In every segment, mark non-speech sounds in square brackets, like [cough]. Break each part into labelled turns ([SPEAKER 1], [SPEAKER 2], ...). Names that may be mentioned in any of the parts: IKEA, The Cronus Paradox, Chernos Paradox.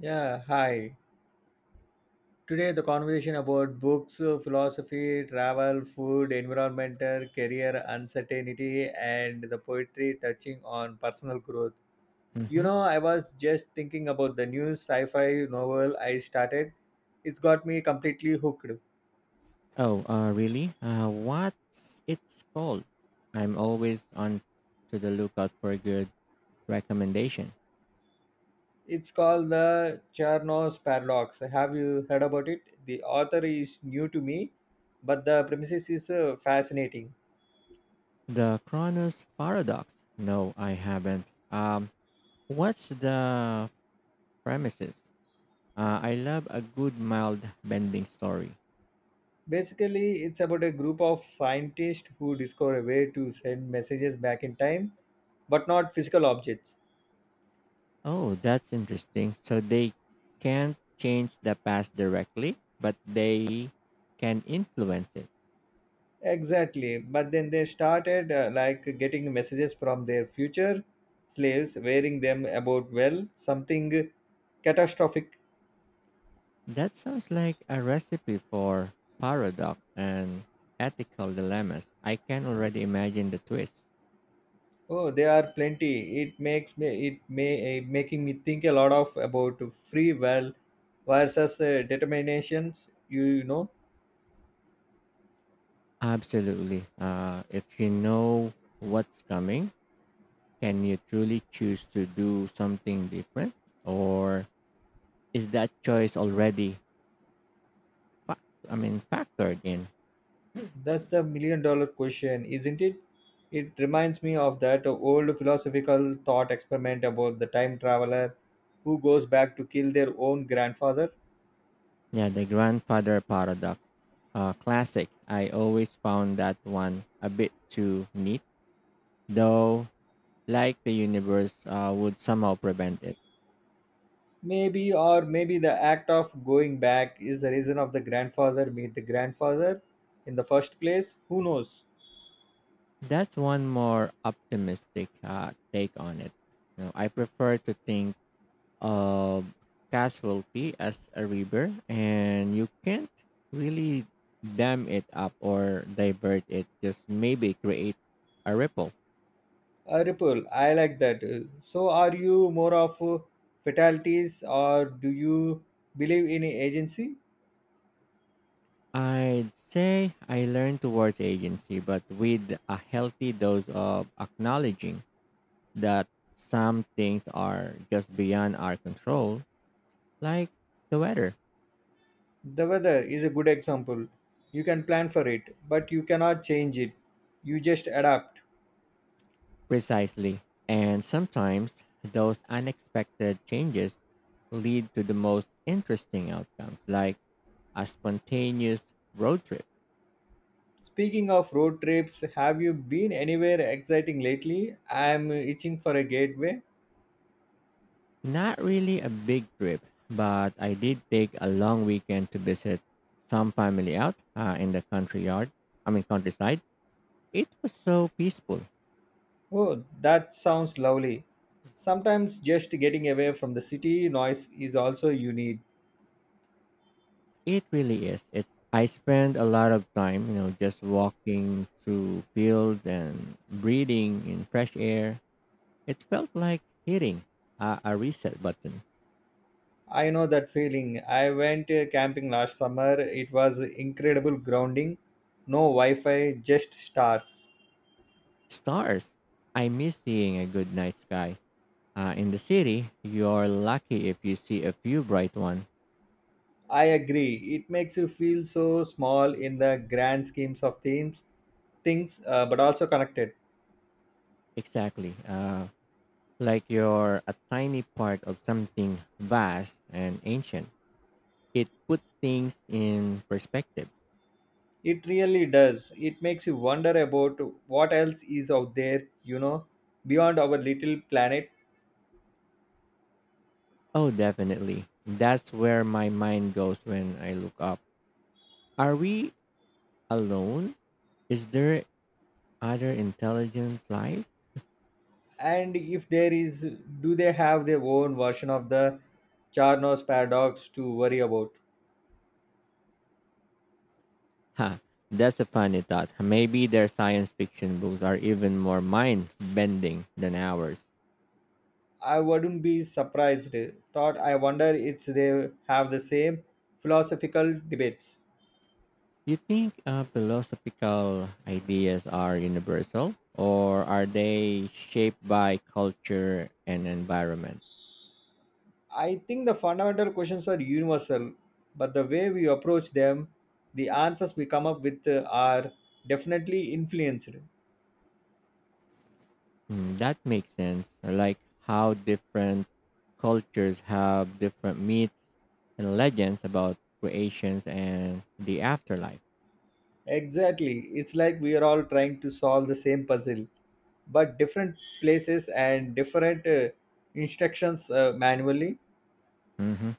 [SPEAKER 1] Yeah, hi. Today the conversation about books, philosophy, travel, food, environmental, career, uncertainty, and the poetry touching on personal growth. You
[SPEAKER 2] Mm-hmm.
[SPEAKER 1] know, I was just thinking about the new sci-fi novel I started. It's got me completely hooked.
[SPEAKER 2] Oh, really? What's it's called? I'm always on to the lookout for a good recommendation.
[SPEAKER 1] It's called the Chernos Paradox. Have you heard about it? The author is new to me, but the premises is fascinating.
[SPEAKER 2] The Cronus Paradox. No, I haven't. Um, what's the premises? I love a good mild bending story.
[SPEAKER 1] Basically, it's about a group of scientists who discover a way to send messages back in time, but not physical objects.
[SPEAKER 2] Oh, that's interesting. So they can't change the past directly, but they can influence it.
[SPEAKER 1] Exactly. But then they started like getting messages from their future slaves, wearing them about well something catastrophic.
[SPEAKER 2] That sounds like a recipe for paradox and ethical dilemmas. I can already imagine the twist.
[SPEAKER 1] Oh, there are plenty. It makes me it may Making me think a lot of about free will versus determinations. You know.
[SPEAKER 2] Absolutely. If you know what's coming, can you truly choose to do something different? Or is that choice already, fac- I mean, factored in?
[SPEAKER 1] That's the million dollar question, isn't it? It reminds me of that old philosophical thought experiment about the time traveler who goes back to kill their own grandfather.
[SPEAKER 2] Yeah, the grandfather paradox. Classic. I always found that one a bit too neat, though, like the universe would somehow prevent it.
[SPEAKER 1] Maybe, or maybe the act of going back is the reason of the grandfather meet the grandfather in the first place. Who knows?
[SPEAKER 2] That's one more optimistic take on it. You know, I prefer to think of casualty as a river, and you can't really dam it up or divert it, just maybe create a ripple.
[SPEAKER 1] Ripple, I like that. So, are you more of fatalities or do you believe in agency?
[SPEAKER 2] I'd say I learned towards agency, but with a healthy dose of acknowledging that some things are just beyond our control, like the weather.
[SPEAKER 1] The weather is a good example. You can plan for it, but you cannot change it. You just adapt.
[SPEAKER 2] Precisely. And sometimes those unexpected changes lead to the most interesting outcomes, like a spontaneous road trip.
[SPEAKER 1] Speaking of road trips, have you been anywhere exciting lately? I am itching for a gateway.
[SPEAKER 2] Not really a big trip, but I did take a long weekend to visit some family out in the country yard. I mean countryside. It was so peaceful.
[SPEAKER 1] Oh, that sounds lovely. Sometimes just getting away from the city noise is also you need.
[SPEAKER 2] It really is. It. I spent a lot of time, you know, just walking through fields and breathing in fresh air. It felt like hitting a reset button.
[SPEAKER 1] I know that feeling. I went camping last summer. It was incredible grounding. No Wi Fi, just stars.
[SPEAKER 2] Stars. I miss seeing a good night sky. In the city, you're lucky if you see a few bright ones.
[SPEAKER 1] I agree. It makes you feel so small in the grand schemes of things, but also connected.
[SPEAKER 2] Exactly. Like you're a tiny part of something vast and ancient. It put things in perspective.
[SPEAKER 1] It really does. It makes you wonder about what else is out there, you know, beyond our little planet,
[SPEAKER 2] Oh, definitely. That's where my mind goes when I look up. Are we alone? Is there other intelligent life?
[SPEAKER 1] and if there is, do they have their own version of the Charnos paradox to worry about?
[SPEAKER 2] Ha, that's a funny thought. Maybe their science fiction books are even more mind bending than ours.
[SPEAKER 1] I wouldn't be surprised. Thought I wonder if they have the same philosophical debates.
[SPEAKER 2] Do you think philosophical ideas are universal or are they shaped by culture and environment?
[SPEAKER 1] I think the fundamental questions are universal, but the way we approach them, the answers we come up with are definitely influenced.
[SPEAKER 2] Mm, that makes sense. I like how different cultures have different myths and legends about creations and the afterlife.
[SPEAKER 1] Exactly. It's like we are all trying to solve the same puzzle, but different places and different instructions manually,
[SPEAKER 2] hmm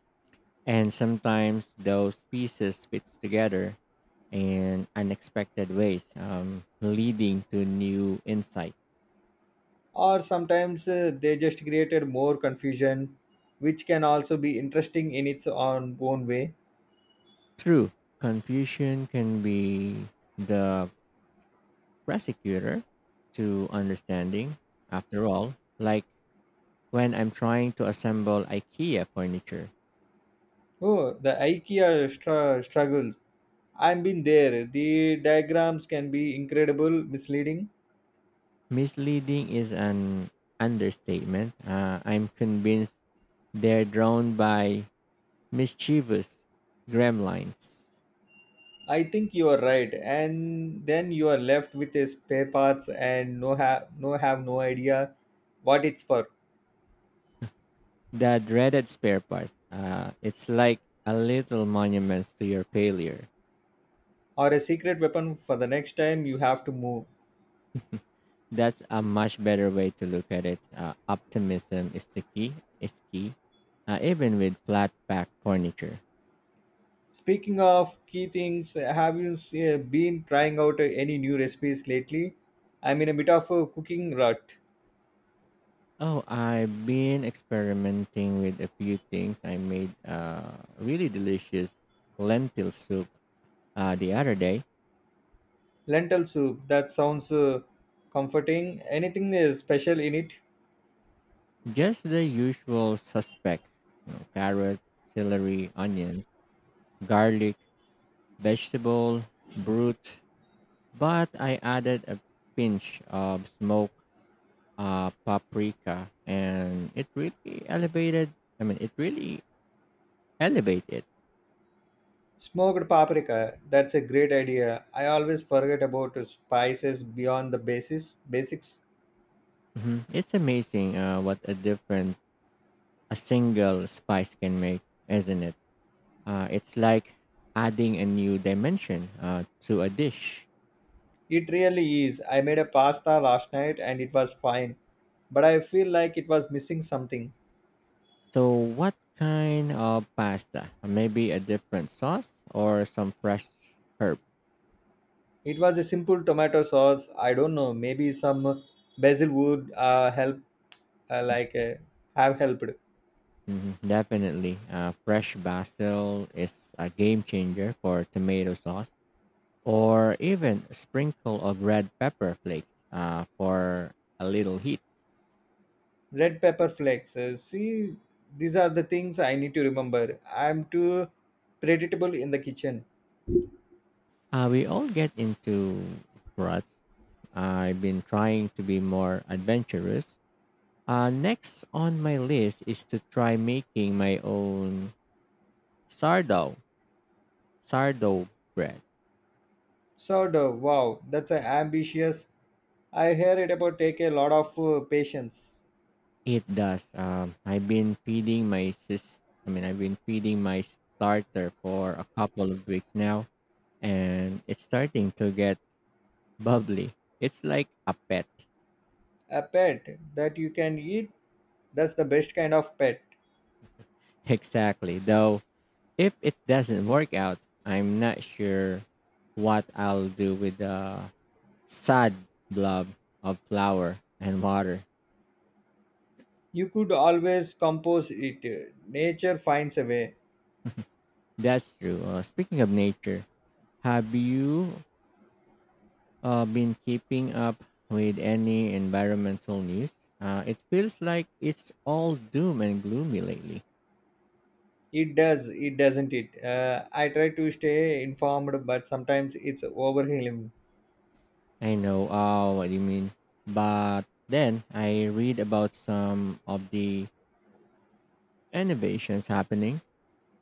[SPEAKER 2] And sometimes those pieces fit together in unexpected ways, leading to new insight.
[SPEAKER 1] or sometimes they just created more confusion, which can also be interesting in its own way.
[SPEAKER 2] True, confusion can be the prosecutor to understanding. After all, like when I'm trying to assemble IKEA furniture,
[SPEAKER 1] Oh, the struggles I've been there. The diagrams can be incredible, misleading.
[SPEAKER 2] misleading is an understatement. I'm convinced they're drawn by mischievous gremlins,
[SPEAKER 1] I think you are right, and then you are left with a spare parts and no idea what it's for,
[SPEAKER 2] the dreaded spare parts. It's like a little monument to your failure.
[SPEAKER 1] or a secret weapon for the next time you have to move.
[SPEAKER 2] That's a much better way to look at it. Optimism is the key. Is key, even with flat pack furniture.
[SPEAKER 1] Speaking of key things, have you been trying out any new recipes lately? I'm in a bit of a cooking rut.
[SPEAKER 2] Oh, I've been experimenting with a few things. I made really delicious lentil soup the other day.
[SPEAKER 1] Lentil soup. That sounds comforting. Anything special in it?
[SPEAKER 2] Just the usual suspect: you know, carrots, celery, onions, garlic, vegetable, brute. But I added a pinch of smoked paprika, and it really I mean, it really elevated it.
[SPEAKER 1] Smoked paprika, that's a great idea. I always forget about spices beyond the basis basics.
[SPEAKER 2] It's amazing what a different a single spice can make, isn't it? It's like adding a new dimension to a dish.
[SPEAKER 1] It really is. I made a pasta last night and it was fine, but I feel like it was missing something.
[SPEAKER 2] So, what kind of pasta? Maybe a different sauce or some fresh herb.
[SPEAKER 1] It was a simple tomato sauce. I don't know, maybe some basil would help like have helped.
[SPEAKER 2] Definitely, fresh basil is a game changer for tomato sauce or even a sprinkle of red pepper flakes for a little heat.
[SPEAKER 1] Red pepper flakes. See, these are the things I need to remember. I'm too predictable in the kitchen.
[SPEAKER 2] We all get into ruts. I've been trying to be more adventurous. Next on my list is to try making my own sardo sardo bread.
[SPEAKER 1] Wow, that's a ambitious. I hear it about take a lot of patience.
[SPEAKER 2] It does. I've been feeding my sis. I mean, I've been feeding my starter for a couple of weeks now, and it's starting to get bubbly. It's like a pet.
[SPEAKER 1] A pet that you can eat, that's the best kind of pet.
[SPEAKER 2] Exactly. Though, if it doesn't work out, I'm not sure what I'll do with the sad blob of flour and water.
[SPEAKER 1] You could always compose it. Nature finds a way.
[SPEAKER 2] That's true. Speaking of nature, have you been keeping up with any environmental news? It feels like it's all doom and gloomy lately.
[SPEAKER 1] It does, it doesn't it? I try to stay informed, but sometimes it's overwhelming.
[SPEAKER 2] I know what you mean. But then I read about some of the innovations happening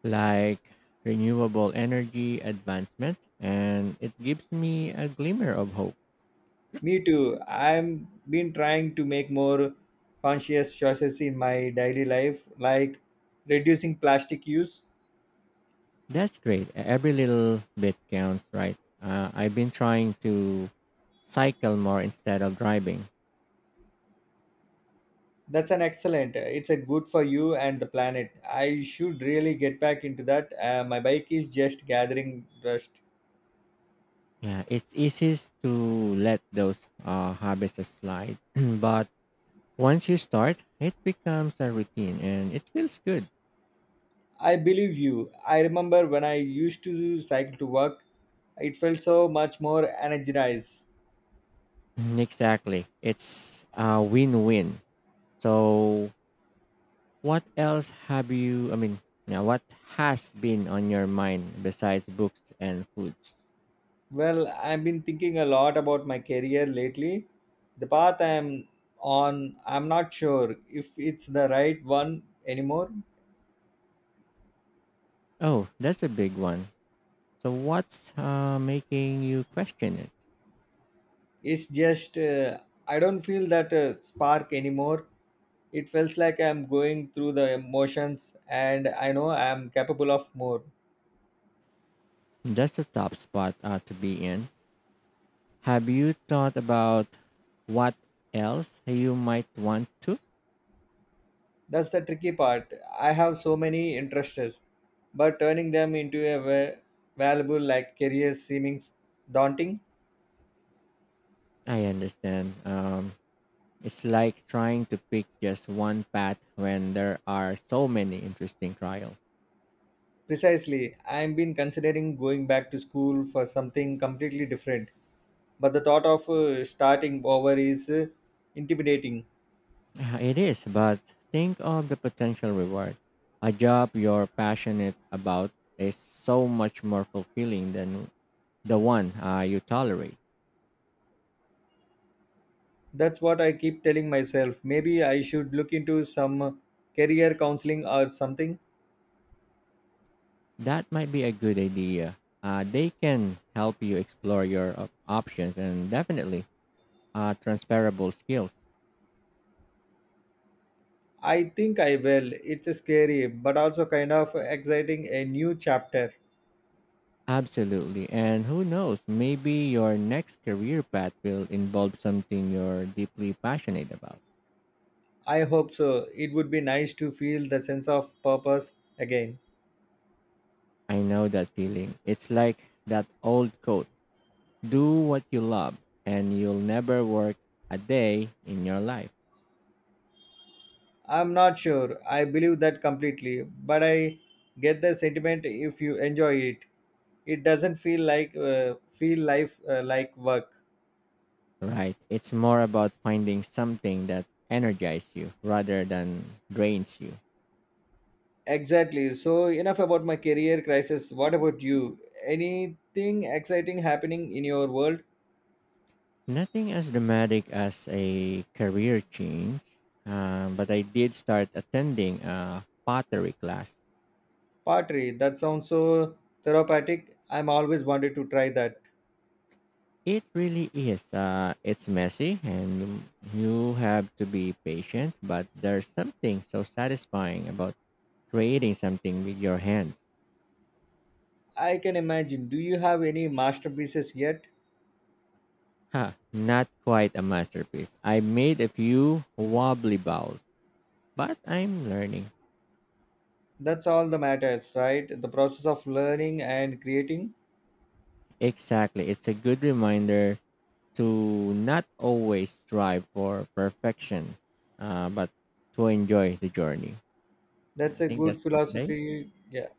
[SPEAKER 2] like renewable energy advancement, and it gives me a glimmer of hope.
[SPEAKER 1] Me too. I'm been trying to make more conscious choices in my daily life, like reducing plastic use.
[SPEAKER 2] That's great. Every little bit counts, right? I've been trying to cycle more instead of driving.
[SPEAKER 1] That's an excellent. It's a good for you and the planet. I should really get back into that. My bike is just gathering dust.
[SPEAKER 2] Yeah, it's easiest to let those habits slide, [clears throat] but once you start, it becomes a routine and it feels good.
[SPEAKER 1] I believe you. I remember when I used to cycle to work, it felt so much more energized.
[SPEAKER 2] Mhm. Exactly. It's a win-win. So What else have you, I mean, yeah, what has been on your mind besides books and foods?
[SPEAKER 1] Well, I've been thinking a lot about my career lately. The path I'm on, I'm not sure if it's the right one anymore.
[SPEAKER 2] Oh, that's a big one. So, what's making you question it?
[SPEAKER 1] It's just I don't feel that spark anymore. It feels like I'm going through the emotions and I know I'm capable of more.
[SPEAKER 2] That's a top spot to be in. Have you thought about what else you might want to?
[SPEAKER 1] That's the tricky part. I have so many interests, but turning them into a valuable like career seems daunting.
[SPEAKER 2] I understand. It's like trying to pick just one path when there are so many interesting trials.
[SPEAKER 1] Precisely, I've been considering going back to school for something completely different, but the thought of starting over is intimidating.
[SPEAKER 2] It is, but think of the potential reward. A job you're passionate about is so much more fulfilling than the one you tolerate.
[SPEAKER 1] That's what I keep telling myself. Maybe I should look into some career counseling or something.
[SPEAKER 2] That might be a good idea. They can help you explore your options and definitely transferable skills.
[SPEAKER 1] I think I will. It's scary, but also kind of exciting a new chapter.
[SPEAKER 2] Absolutely. And who knows, maybe your next career path will involve something you're deeply passionate about.
[SPEAKER 1] I hope so. It would be nice to feel the sense of purpose again.
[SPEAKER 2] I know that feeling. It's like that old coat. Do what you love and you'll never work a day in your life,
[SPEAKER 1] I'm not sure. I believe that completely, but I get the sentiment if you enjoy it. It doesn't feel like feel life like work.
[SPEAKER 2] right? It's more about finding something that energizes you rather than drains you.
[SPEAKER 1] Exactly. So, enough about my career crisis. What about you? Anything exciting happening in your world?
[SPEAKER 2] Nothing as dramatic as a career change, but I did start attending a pottery class.
[SPEAKER 1] Pottery. That sounds so therapeutic. I'm always wanted to try that.
[SPEAKER 2] It really is. It's messy and you have to be patient, but there's something so satisfying about creating something with your hands.
[SPEAKER 1] I can imagine. Do you have any masterpieces yet?
[SPEAKER 2] Huh, not quite a masterpiece. I made a few wobbly balls, but I'm learning.
[SPEAKER 1] That's all that matters, right? The process of learning and creating.
[SPEAKER 2] Exactly. It's a good reminder to not always strive for perfection, but to enjoy the journey. Yeah,
[SPEAKER 1] That's
[SPEAKER 2] I
[SPEAKER 1] a
[SPEAKER 2] think
[SPEAKER 1] good
[SPEAKER 2] that's for today.
[SPEAKER 1] philosophy. Yeah.